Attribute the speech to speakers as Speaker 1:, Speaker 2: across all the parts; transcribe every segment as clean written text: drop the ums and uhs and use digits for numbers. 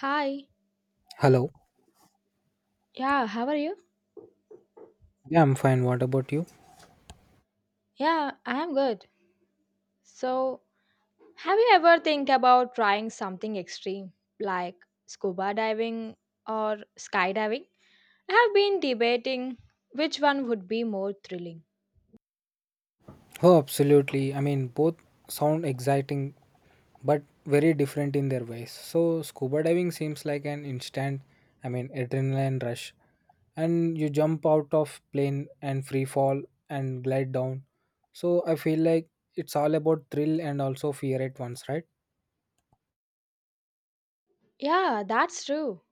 Speaker 1: Hi.
Speaker 2: Hello.
Speaker 1: Yeah, how are you?
Speaker 2: Yeah, I'm fine. What about you?
Speaker 1: Yeah, I am good. So, have you ever think about trying something extreme like scuba diving or skydiving? I have been debating which one would be more thrilling.
Speaker 2: Oh, absolutely. I mean, both sound exciting but very different in their ways. So, scuba diving seems like an instant, I mean, adrenaline rush. And you jump out of plane and free fall and glide down. So, I feel like it's all about thrill and also fear at once, right?
Speaker 1: Yeah, that's true.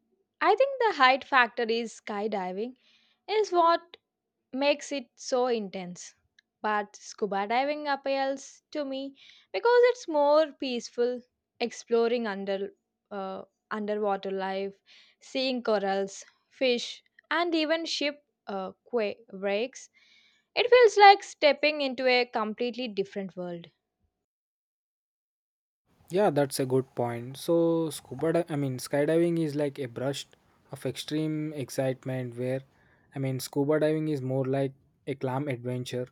Speaker 1: I think the height factor is skydiving is what makes it so intense. But scuba diving appeals to me because it's more peaceful, exploring under uh, underwater life, seeing corals, fish, and even ship quake breaks. It feels like stepping into a completely different world.
Speaker 2: Yeah, that's a good point. So, I mean, skydiving is like a burst of extreme excitement, where I mean, scuba diving is more like a calm adventure.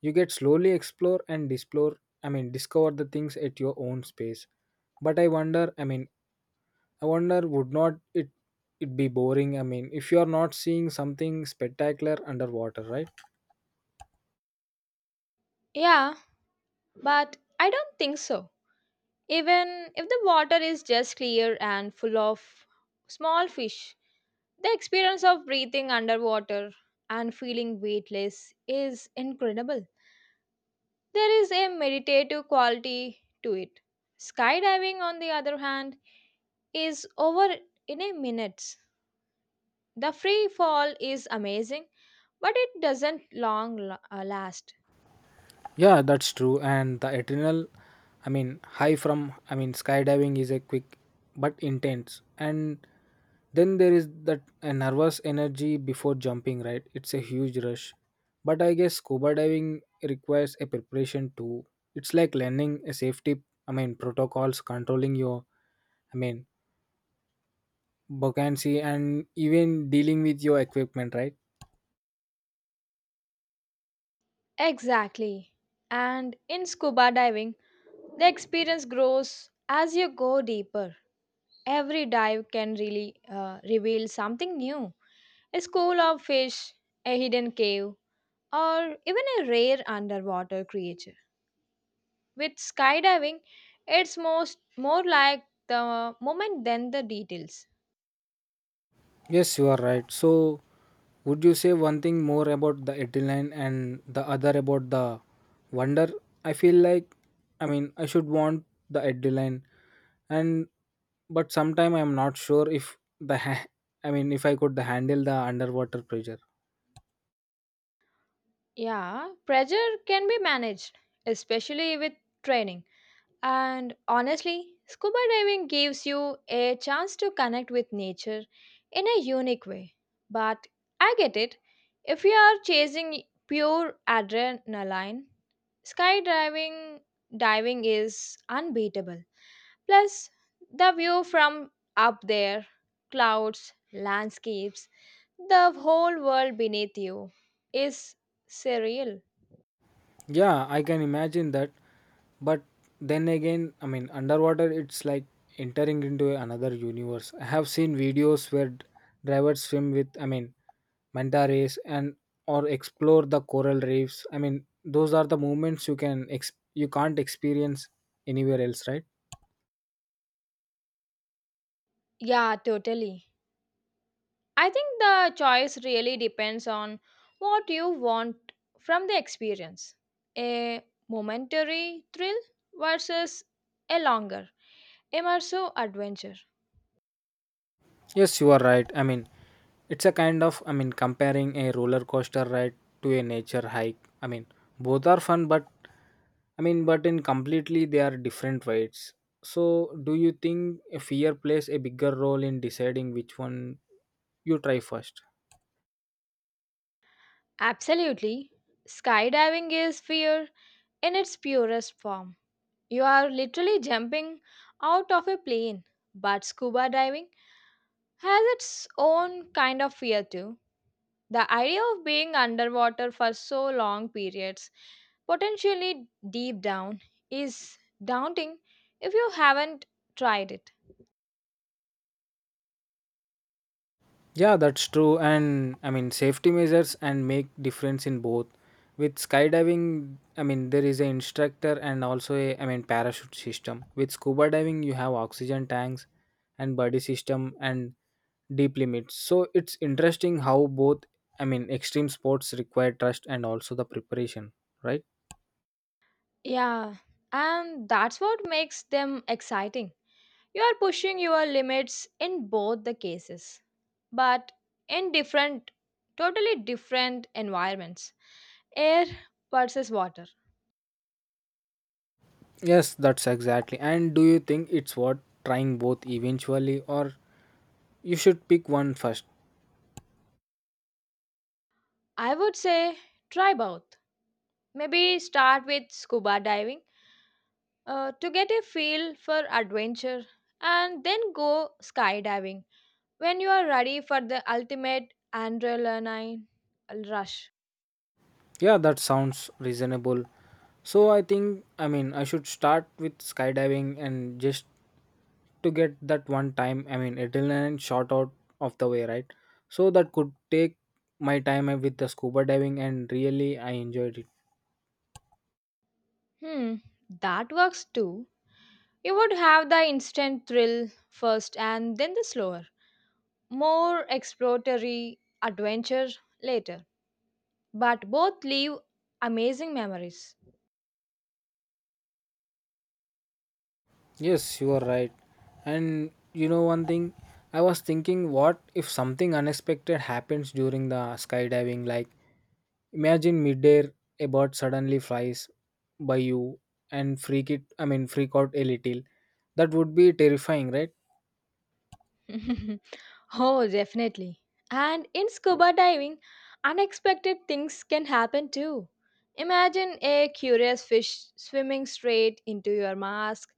Speaker 2: You get slowly explore and explore, I mean, discover the things at your own space. But I wonder, I mean, I wonder, would not it be boring? I mean, if you are not seeing something spectacular underwater, right?
Speaker 1: Yeah, but I don't think so. Even if the water is just clear and full of small fish, the experience of breathing underwater and feeling weightless is incredible. There is a meditative quality to it. Skydiving, on the other hand, is over in a minute. The free fall is amazing, but it doesn't last.
Speaker 2: Yeah, that's true. And I mean, high from, I mean, skydiving is a quick but intense. And then there is that a nervous energy before jumping, right? It's a huge rush. But I guess scuba diving requires a preparation too. It's like learning a safety, I mean, protocols, controlling your, I mean, buoyancy, and even dealing with your equipment, right?
Speaker 1: Exactly. And in scuba diving, the experience grows as you go deeper. Every dive can really reveal something new, a school of fish, a hidden cave, or even a rare underwater creature. With skydiving, it's most more like the moment than the details.
Speaker 2: Yes, you are right. So, would you say one thing more about the adrenaline and the other about the wonder? I feel like, I mean, I should want the adrenaline, and but sometime I am not sure if the ha- I mean, if I could handle the underwater pressure.
Speaker 1: Yeah, pressure can be managed, especially with training. And honestly, scuba diving gives you a chance to connect with nature in a unique way. But I get it. If you are chasing pure adrenaline, skydiving diving is unbeatable. Plus, the view from up there, clouds, landscapes, the whole world beneath you is surreal.
Speaker 2: Yeah, I can imagine that. But then again, I mean, underwater, it's like entering into another universe. I have seen videos divers swim with, I mean, manta rays and or explore the coral reefs. I mean, those are the moments you can't experience anywhere else, right?
Speaker 1: Yeah, totally. I think the choice really depends on what you want from the experience, a momentary thrill versus a longer, immersive adventure.
Speaker 2: Yes, you are right. I mean, it's a kind of, I mean, comparing a roller coaster ride to a nature hike. I mean, both are fun, but I mean, but in completely they are different rights. So, do you think a fear plays a bigger role in deciding which one you try first?
Speaker 1: Absolutely. Skydiving is fear in its purest form. You are literally jumping out of a plane, but scuba diving has its own kind of fear too. The idea of being underwater for so long periods, potentially deep down, is daunting if you haven't tried it.
Speaker 2: Yeah, that's true. And I mean, safety measures and make difference in both. With skydiving, I mean, there is an instructor and also a I mean parachute system. With scuba diving, you have oxygen tanks and buddy system and deep limits. So it's interesting how both I mean extreme sports require trust and also the preparation, right?
Speaker 1: Yeah, and that's what makes them exciting. You are pushing your limits in both the cases, but in different, totally different environments. Air versus water.
Speaker 2: Yes, that's exactly. And do you think it's worth trying both eventually, or you should pick one first?
Speaker 1: I would say try both. Maybe start with scuba diving to get a feel for adventure and then go skydiving when you are ready for the ultimate adrenaline rush.
Speaker 2: Yeah, that sounds reasonable. So I think, I mean, I should start with skydiving and just to get that one time, I mean, adrenaline shot out of the way, right? So that could take my time with the scuba diving, and really, I enjoyed it.
Speaker 1: Hmm, that works too. You would have the instant thrill first and then the slower, more exploratory adventure later. But both leave amazing memories.
Speaker 2: Yes, you are right. And you know one thing, I was thinking, what if something unexpected happens during the skydiving, like Imagine midair a bird suddenly flies by you and freak it I mean freak out a little. That would be terrifying, right?
Speaker 1: Oh, definitely. And in scuba diving, unexpected things can happen too. Imagine a curious fish swimming straight into your mask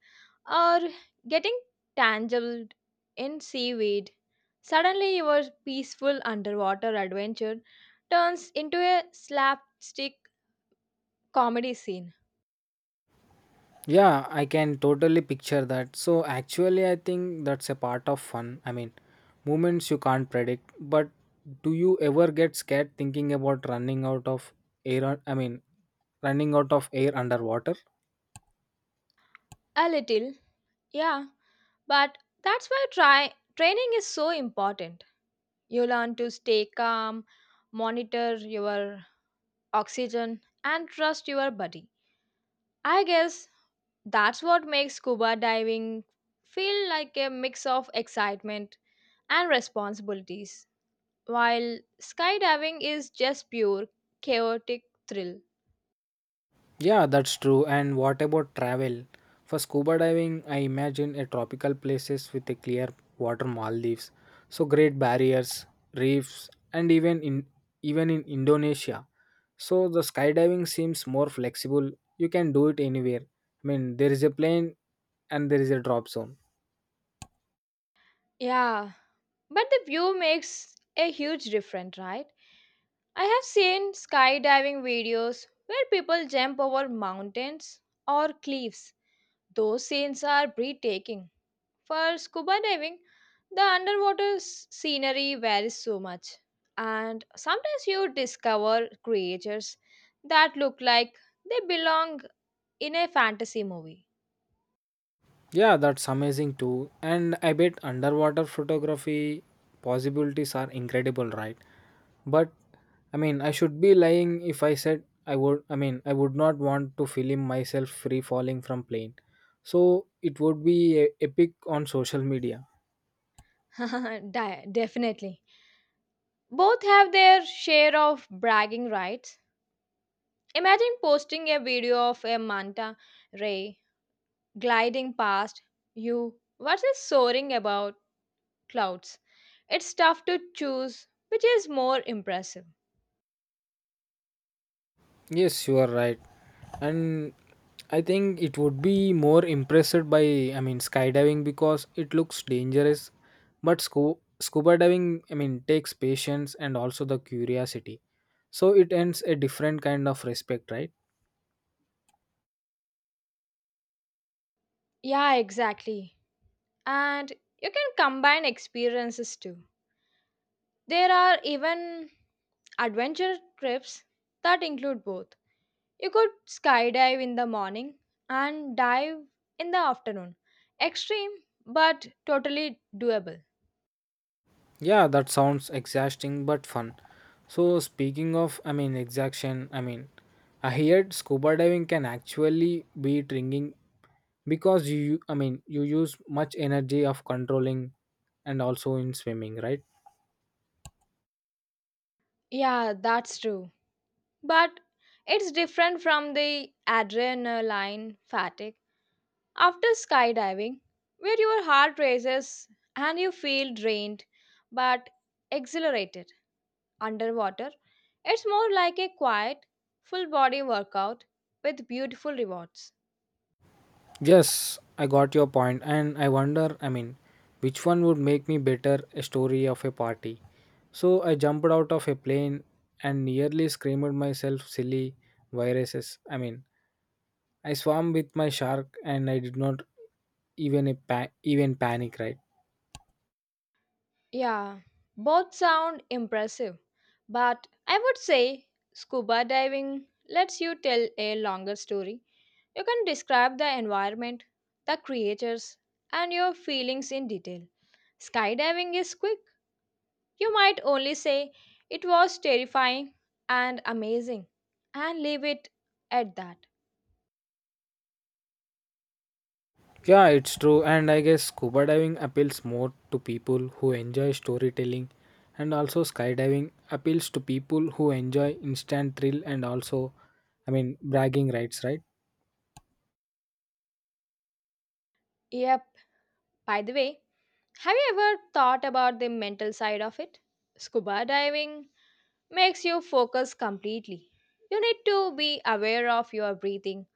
Speaker 1: or getting tangled in seaweed. Suddenly, your peaceful underwater adventure turns into a slapstick comedy scene.
Speaker 2: Yeah, I can totally picture that. So actually I think that's a part of fun. I mean moments you can't predict. But do you ever get scared thinking about running out of air I mean running out of air underwater?
Speaker 1: A little, yeah, but that's why training is so important. You learn to stay calm, monitor your oxygen, and trust your body. I guess that's what makes scuba diving feel like a mix of excitement and responsibilities, while skydiving is just pure chaotic thrill.
Speaker 2: Yeah, that's true. And what about travel? For scuba diving, I imagine a tropical places with a clear water Maldives, so great barriers, reefs, and even in Indonesia. So the skydiving seems more flexible. You can do it anywhere. I mean, there is a plane and there is a drop zone.
Speaker 1: Yeah, but the view makes a huge difference, right? I have seen skydiving videos where people jump over mountains or cliffs. Those scenes are breathtaking. For scuba diving, the underwater scenery varies so much, and sometimes you discover creatures that look like they belong in a fantasy movie.
Speaker 2: Yeah, that's amazing too. And I bet underwater photography possibilities are incredible, right? But I mean, I should be lying if I said I would. I mean, I would not want to film myself free falling from plane. So it would be a epic on social media.
Speaker 1: Definitely. Both have their share of bragging rights. Imagine posting a video of a manta ray gliding past you versus soaring about clouds. It's tough to choose which is more impressive.
Speaker 2: Yes, you are right, and I think it would be more impressed by I mean skydiving because it looks dangerous, but scuba diving I mean takes patience and also the curiosity. So it ends a different kind of respect, right?
Speaker 1: Yeah, exactly. And you can combine experiences too. There are even adventure trips that include both. You could skydive in the morning and dive in the afternoon. Extreme, but totally doable.
Speaker 2: Yeah, that sounds exhausting but fun. So speaking of, I mean, exhaustion, I mean, I heard scuba diving can actually be drinking because you, I mean, you use much energy of controlling and also in swimming, right?
Speaker 1: Yeah, that's true. But it's different from the adrenaline fatigue after skydiving, where your heart races and you feel drained but exhilarated underwater. It's more like a quiet, full body workout with beautiful rewards.
Speaker 2: Yes, I got your point, and I wonder, I mean, which one would make me better a story of a party? So I jumped out of a plane and nearly screamed myself silly viruses. I mean, I swam with my shark and I did not even panic, right?
Speaker 1: Yeah, both sound impressive, but I would say scuba diving lets you tell a longer story. You can describe the environment, the creatures, and your feelings in detail. Skydiving is quick. You might only say it was terrifying and amazing and leave it at that.
Speaker 2: Yeah, it's true, and I guess scuba diving appeals more to people who enjoy storytelling, and also skydiving appeals to people who enjoy instant thrill and also, I mean, bragging rights, right?
Speaker 1: Yep, by the way, have you ever thought about the mental side of it? Scuba diving makes you focus completely. You need to be aware of your breathing,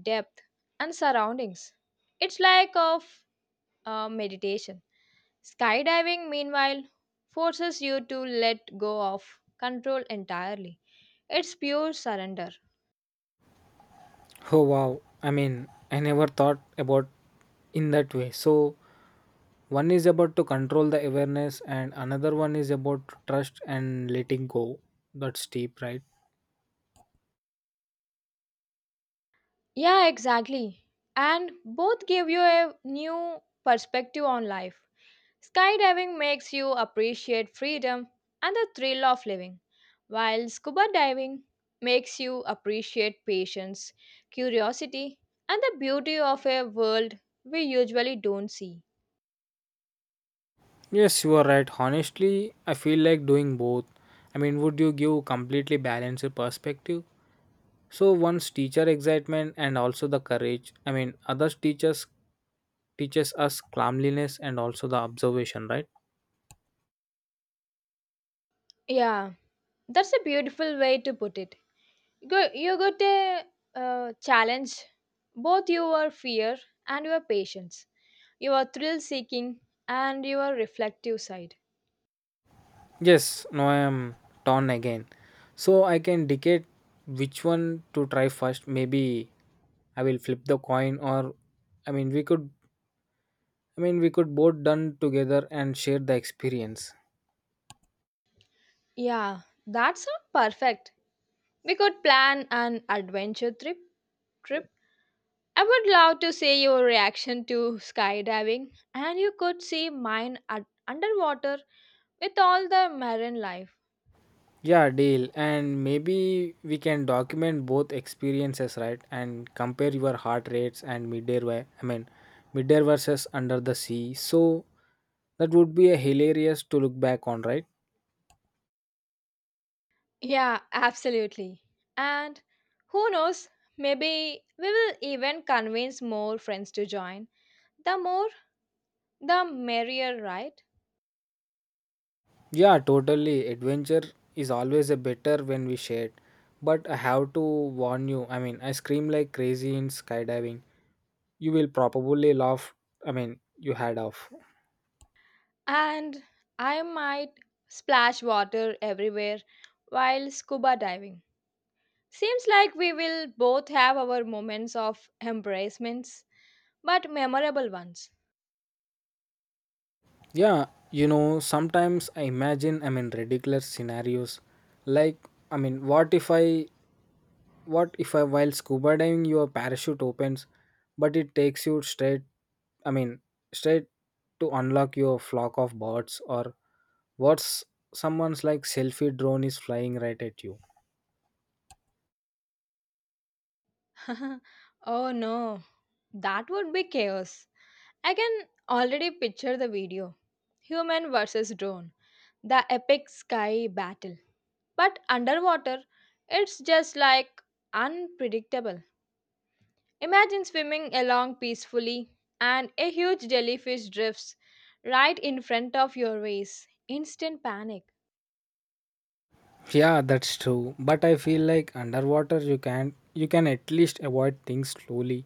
Speaker 1: depth, and surroundings. It's like of meditation. Skydiving, meanwhile, forces you to let go of control entirely. It's pure surrender.
Speaker 2: Oh wow, I mean, I never thought about in that way. So one is about to control the awareness and another one is about trust and letting go. That's deep, right?
Speaker 1: Yeah, exactly. And both give you a new perspective on life. Skydiving makes you appreciate freedom and the thrill of living, while scuba diving makes you appreciate patience, curiosity, and the beauty of a world we usually don't see.
Speaker 2: Yes, you are right. Honestly, I feel like doing both. I mean, would you give completely balanced perspective? So one's teacher excitement and also the courage. I mean, others teachers teaches us calmliness and also the observation, right?
Speaker 1: Yeah, that's a beautiful way to put it. You got a challenge both your fear and your patience, your thrill seeking and your reflective side.
Speaker 2: Yes, now I am torn again. So I can dictate which one to try first. Maybe I will flip the coin or I mean we could I mean we could both done together and share the experience.
Speaker 1: Yeah, that sounds perfect. We could plan an adventure trip. Trip. I would love to see your reaction to skydiving, and you could see mine at underwater with all the marine life.
Speaker 2: Yeah, deal. And maybe we can document both experiences, right? And compare your heart rates and midair. I mean, midair versus under the sea. So that would be a hilarious to look back on, right?
Speaker 1: Yeah, absolutely. And who knows, maybe we will even convince more friends to join. The more, the merrier, right?
Speaker 2: Yeah, totally. Adventure is always a better when we shared. But I have to warn you. I mean, I scream like crazy in skydiving. You will probably laugh. I mean, you had off.
Speaker 1: And I might splash water everywhere while scuba diving. Seems like we will both have our moments of embracements, but memorable ones.
Speaker 2: Yeah, you know, sometimes I imagine, I mean, ridiculous scenarios. Like, I mean, what if I, while scuba diving, your parachute opens, but it takes you straight, I mean, straight to unlock your flock of birds, or what's someone's like selfie drone is flying right at you.
Speaker 1: Oh no, that would be chaos. I can already picture the video, human versus drone, the epic sky battle. But underwater, it's just like unpredictable. Imagine swimming along peacefully and a huge jellyfish drifts right in front of your face. Instant panic.
Speaker 2: Yeah, that's true. But I feel like underwater you can at least avoid things slowly.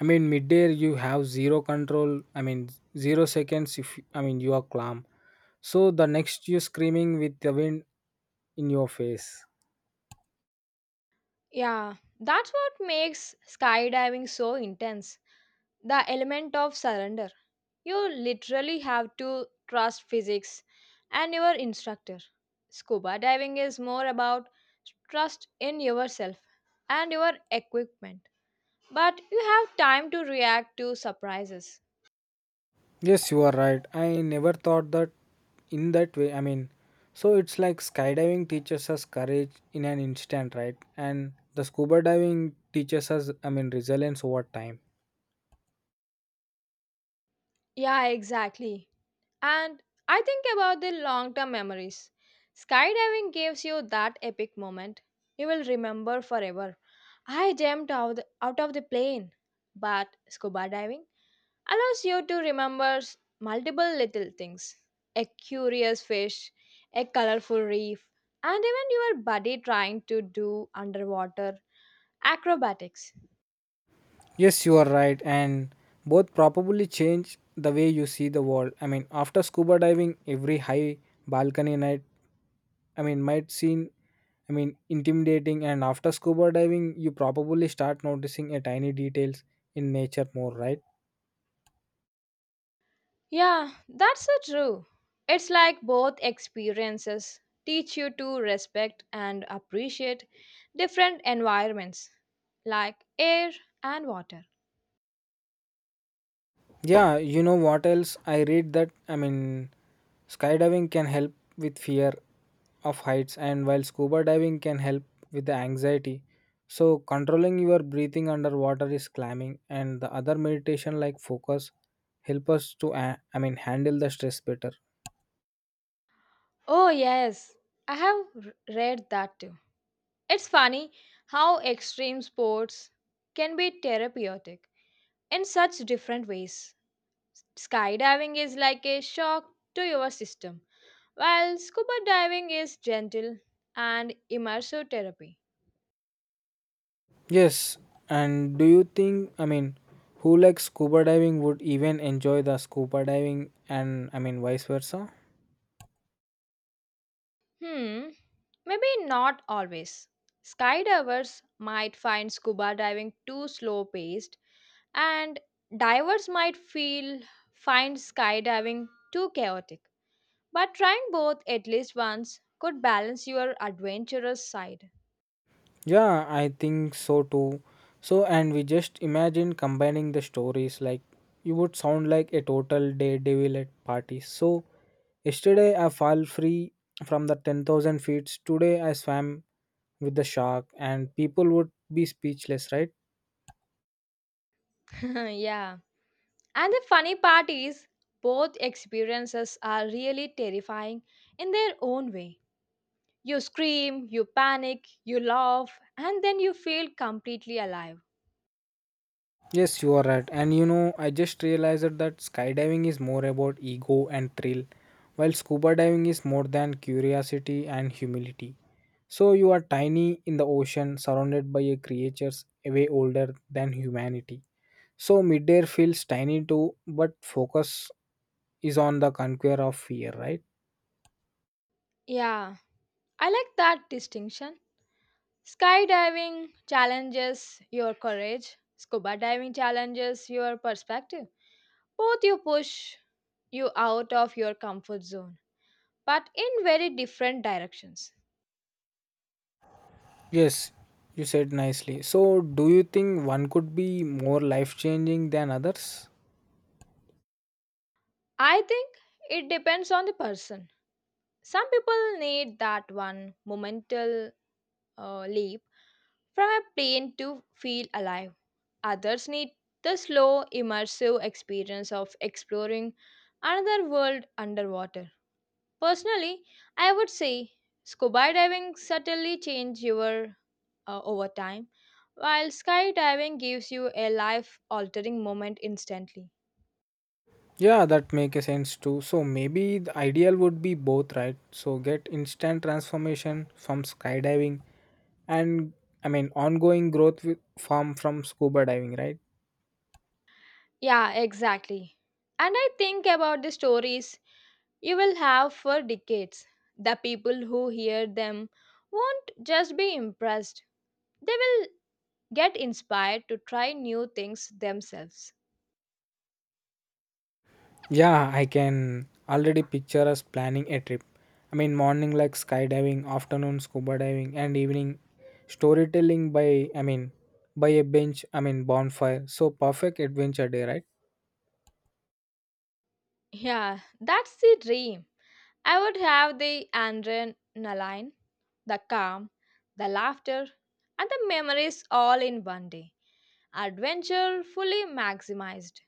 Speaker 2: I mean midair you have zero control. I mean 0 seconds if I mean you are calm. So the next you screaming with the wind in your face.
Speaker 1: Yeah, that's what makes skydiving so intense. The element of surrender. You literally have to trust physics and your instructor. Scuba diving is more about trust in yourself and your equipment. But you have time to react to surprises.
Speaker 2: Yes, you are right. I never thought that in that way. I mean, so it's like skydiving teaches us courage in an instant, right? And the scuba diving teaches us, I mean, resilience over time.
Speaker 1: Yeah, exactly. And I think about the long term memories. Skydiving gives you that epic moment you will remember forever. I jumped out of the plane, but scuba diving allows you to remember multiple little things, a curious fish, a colorful reef, and even your buddy trying to do underwater acrobatics.
Speaker 2: Yes, you are right, and both probably change the way you see the world. I mean, after scuba diving, every high balcony night, I mean, might seem, I mean, intimidating. And after scuba diving, you probably start noticing a tiny details in nature more, right?
Speaker 1: Yeah, that's so true. It's like both experiences teach you to respect and appreciate different environments like air and water.
Speaker 2: Yeah, you know what else? I read that I mean, skydiving can help with fear of heights, and while scuba diving can help with the anxiety. So, controlling your breathing underwater is climbing, and the other meditation like focus help us to I mean handle the stress better.
Speaker 1: Oh, yes, I have read that too. It's funny how extreme sports can be therapeutic in such different ways. Skydiving is like a shock to your system, while scuba diving is gentle and immersive therapy.
Speaker 2: Yes, and do you think I mean, who likes scuba diving would even enjoy the scuba diving, and I mean vice versa?
Speaker 1: Hmm, Maybe not always. Skydivers might find scuba diving too slow paced, and divers might feel find skydiving too chaotic. But trying both at least once could balance your adventurous side.
Speaker 2: Yeah, I think so too. So, and we just imagine combining the stories like you would sound like a total daredevil at parties. So, yesterday I fell free from the 10,000 feet. Today I swam with the shark, and people would be speechless, right?
Speaker 1: Yeah. And the funny part is, both experiences are really terrifying in their own way. You scream, you panic, you laugh, and then you feel completely alive.
Speaker 2: Yes, you are right. And you know, I just realized that skydiving is more about ego and thrill, while scuba diving is more than curiosity and humility. So you are tiny in the ocean, surrounded by a creatures way older than humanity. So midair feels tiny too, but focus is on the conquer of fear, right?
Speaker 1: Yeah. I like that distinction. Skydiving challenges your courage, scuba diving challenges your perspective. Both you push you out of your comfort zone, but in very different directions.
Speaker 2: Yes, you said nicely. So do you think one could be more life changing than others?
Speaker 1: I think it depends on the person. Some people need that one momental leap from a plane to feel alive. Others need the slow, immersive experience of exploring another world underwater. Personally, I would say scuba diving subtly changes your over time, while skydiving gives you a life altering moment instantly.
Speaker 2: Yeah, that makes a sense too. So maybe the ideal would be both, right? So get instant transformation from skydiving and I mean ongoing growth with, from scuba diving, right?
Speaker 1: Yeah, exactly. And I think about the stories you will have for decades. The people who hear them won't just be impressed, they will get inspired to try new things themselves.
Speaker 2: Yeah, I can already picture us planning a trip. I mean, morning like skydiving, afternoon scuba diving, and evening storytelling by, I mean, by a bench, I mean, bonfire. So, perfect adventure day, right?
Speaker 1: Yeah, that's the dream. I would have the adrenaline, the calm, the laughter, and the memories all in one day. Adventure fully maximized.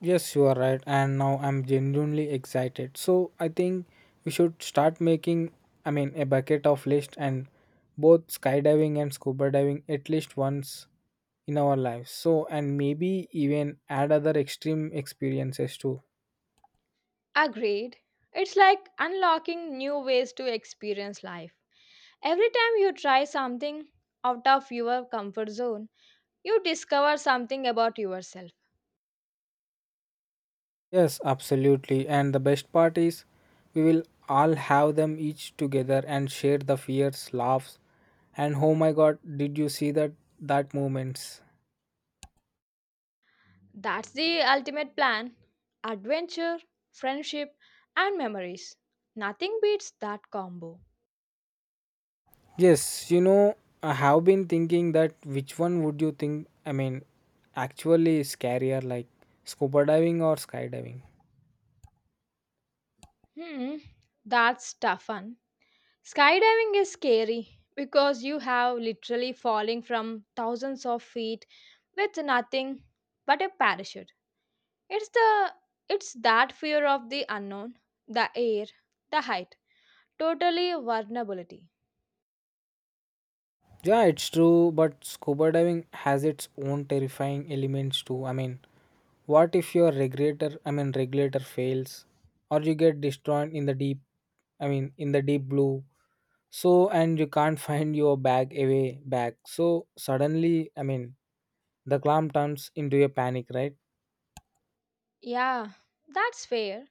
Speaker 2: Yes, you are right. And now I'm genuinely excited. So, I think we should start making, I mean, a bucket of list and both skydiving and scuba diving at least once in our lives. So, and maybe even add other extreme experiences too.
Speaker 1: Agreed. It's like unlocking new ways to experience life. Every time you try something out of your comfort zone, you discover something about yourself.
Speaker 2: Yes, absolutely. And the best part is, we will all have them each together and share the fears, laughs, and oh my god, did you see that moments?
Speaker 1: That's the ultimate plan, adventure, friendship, and memories. Nothing beats that combo.
Speaker 2: Yes, you know, I have been thinking that which one would you think? I mean, actually, is scarier like scuba diving or skydiving?
Speaker 1: Hmm, that's tough one. Skydiving is scary because you have literally falling from thousands of feet with nothing but a parachute. It's the it's that fear of the unknown, the air, the height, totally vulnerability.
Speaker 2: Yeah, it's true, but scuba diving has its own terrifying elements too. I mean, what if your I mean regulator fails or you get destroyed in the deep, I mean in the deep blue. So and you can't find your bag away back. So suddenly, I mean, the clam turns into a panic, right?
Speaker 1: Yeah, that's fair.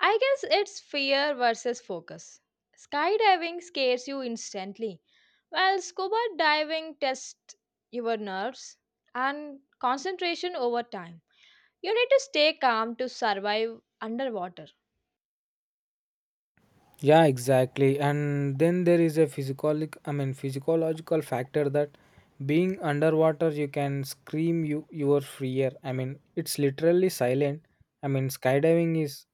Speaker 1: I guess it's fear versus focus. Skydiving scares you instantly, while scuba diving tests your nerves and concentration over time. You need to stay calm to survive underwater.
Speaker 2: Yeah, exactly. And then there is a I mean, physiological factor that being underwater, you can scream you your free air. I mean, it's literally silent. I mean,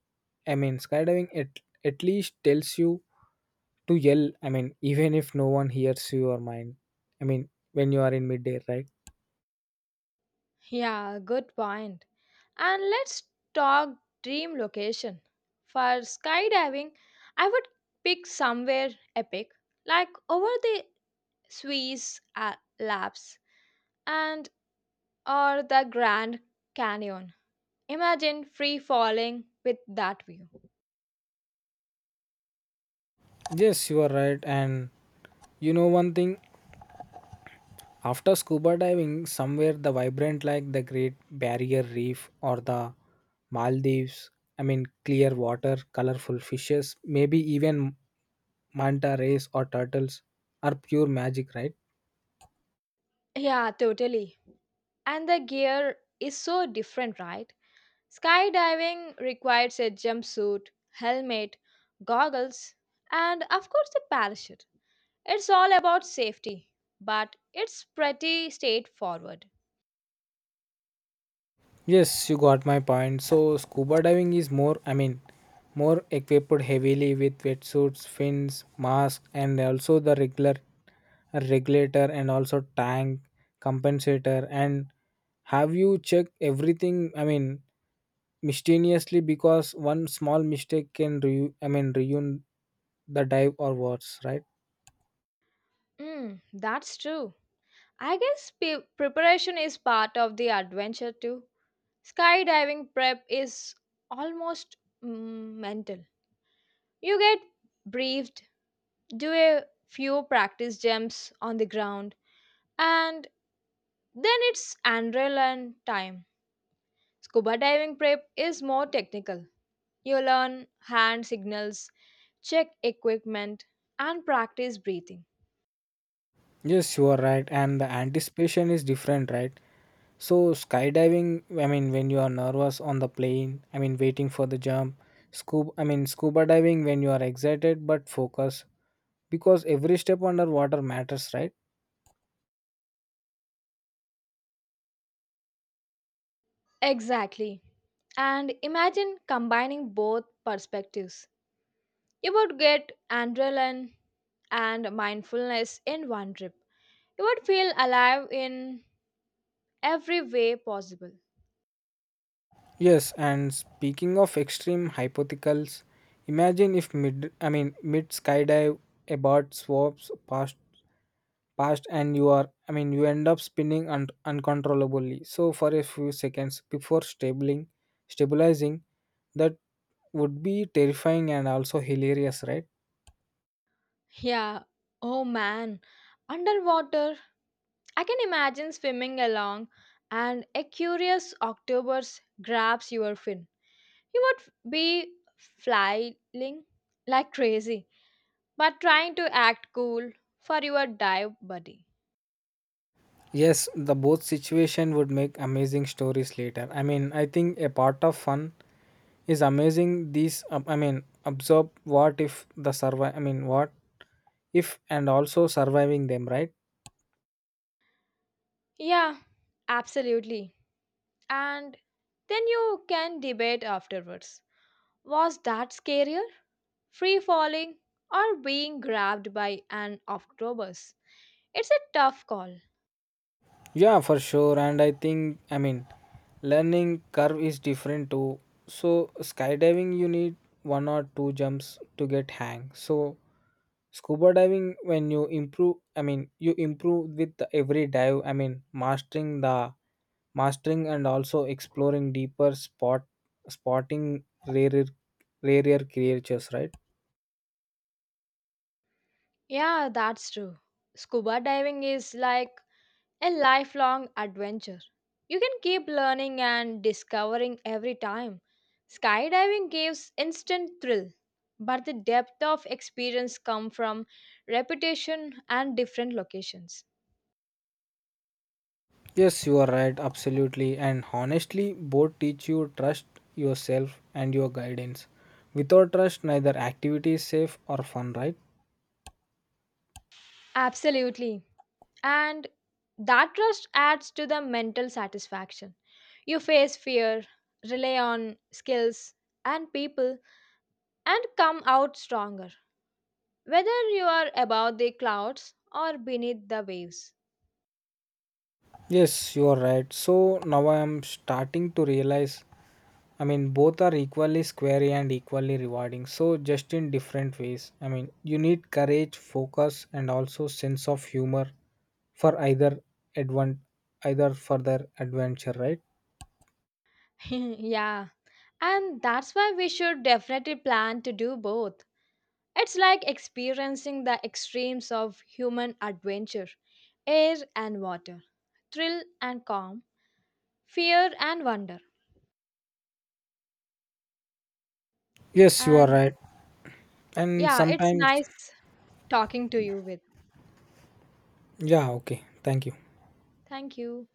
Speaker 2: I mean, skydiving at least tells you to yell. I mean, even if no one hears your mind. I mean, when you are in midair, right?
Speaker 1: Yeah, good point. And let's talk dream location. For skydiving, I would pick somewhere epic, like over the Swiss Alps and or the Grand Canyon. Imagine free falling with that view.
Speaker 2: Yes, you are right. And you know one thing, after scuba diving somewhere the vibrant like the Great Barrier Reef or the Maldives, I mean clear water, colorful fishes, maybe even manta rays or turtles are pure magic, right?
Speaker 1: Yeah, totally. And the gear is so different, right? Skydiving requires a jumpsuit, helmet, goggles, and of course a parachute. It's all about safety, but it's pretty straightforward.
Speaker 2: Yes, you got my point. So scuba diving is more, I mean, more equipped heavily with wetsuits, fins, mask, and also the regular regulator and also tank compensator. And have you checked everything? I mean, mysteriously because one small mistake can I mean ruin the dive or worse, right?
Speaker 1: That's true. I guess preparation is part of the adventure too. Skydiving prep is almost mental. You get briefed, do a few practice jumps on the ground, and then it's adrenaline time. Scuba diving prep is more technical. You learn hand signals, check equipment, and practice breathing.
Speaker 2: Yes, you are right, and the anticipation is different, right? So skydiving, I mean, when you are nervous on the plane, I mean, waiting for the jump, scuba I mean scuba diving, when you are excited but focused because every step underwater matters, right?
Speaker 1: Exactly. And imagine combining both perspectives. You would get adrenaline and mindfulness in one trip. You would feel alive in every way possible.
Speaker 2: Yes, and speaking of extreme hypotheticals, imagine if mid I mean mid skydive a bird swaps past past and you are I mean you end up spinning uncontrollably so for a few seconds before stabling stabilizing. That would be terrifying and also hilarious, right?
Speaker 1: Yeah, oh man, underwater. I can imagine swimming along and a curious octopus grabs your fin. You would be flying like crazy, but trying to act cool for your dive buddy.
Speaker 2: Yes, the both situation would make amazing stories later. I mean, I think a part of fun is amazing these I mean absorb what if the survive I mean what if and also surviving them, right?
Speaker 1: Yeah, absolutely. And then you can debate afterwards. Was that scarier? Free falling, or being grabbed by an octopus. It's a tough call.
Speaker 2: Yeah, for sure. And I think, I mean, learning curve is different too. So, skydiving, you need one or two jumps to get hang. So, scuba diving, when you improve, I mean, you improve with the every dive. I mean, mastering and also exploring deeper spotting rarer creatures, right?
Speaker 1: Yeah, that's true. Scuba diving is like a lifelong adventure. You can keep learning and discovering every time. Skydiving gives instant thrill, but the depth of experience comes from repetition and different locations.
Speaker 2: Yes, you are right, absolutely. And honestly, both teach you trust yourself and your guidance. Without trust, neither activity is safe or fun, right?
Speaker 1: Absolutely. And that trust adds to the mental satisfaction. You face fear, rely on skills and people, and come out stronger, whether you are above the clouds or beneath the waves.
Speaker 2: Yes, you are right. So now I am starting to realize I mean, both are equally scary and equally rewarding. So just in different ways. I mean, you need courage, focus, and also sense of humor for either advent, either further adventure, right?
Speaker 1: Yeah, and that's why we should definitely plan to do both. It's like experiencing the extremes of human adventure, air and water, thrill and calm, fear and wonder.
Speaker 2: Yes, you are
Speaker 1: And
Speaker 2: right. And
Speaker 1: yeah, it's
Speaker 2: sometimes
Speaker 1: nice talking to you with.
Speaker 2: Yeah, okay. Thank you.
Speaker 1: Thank you.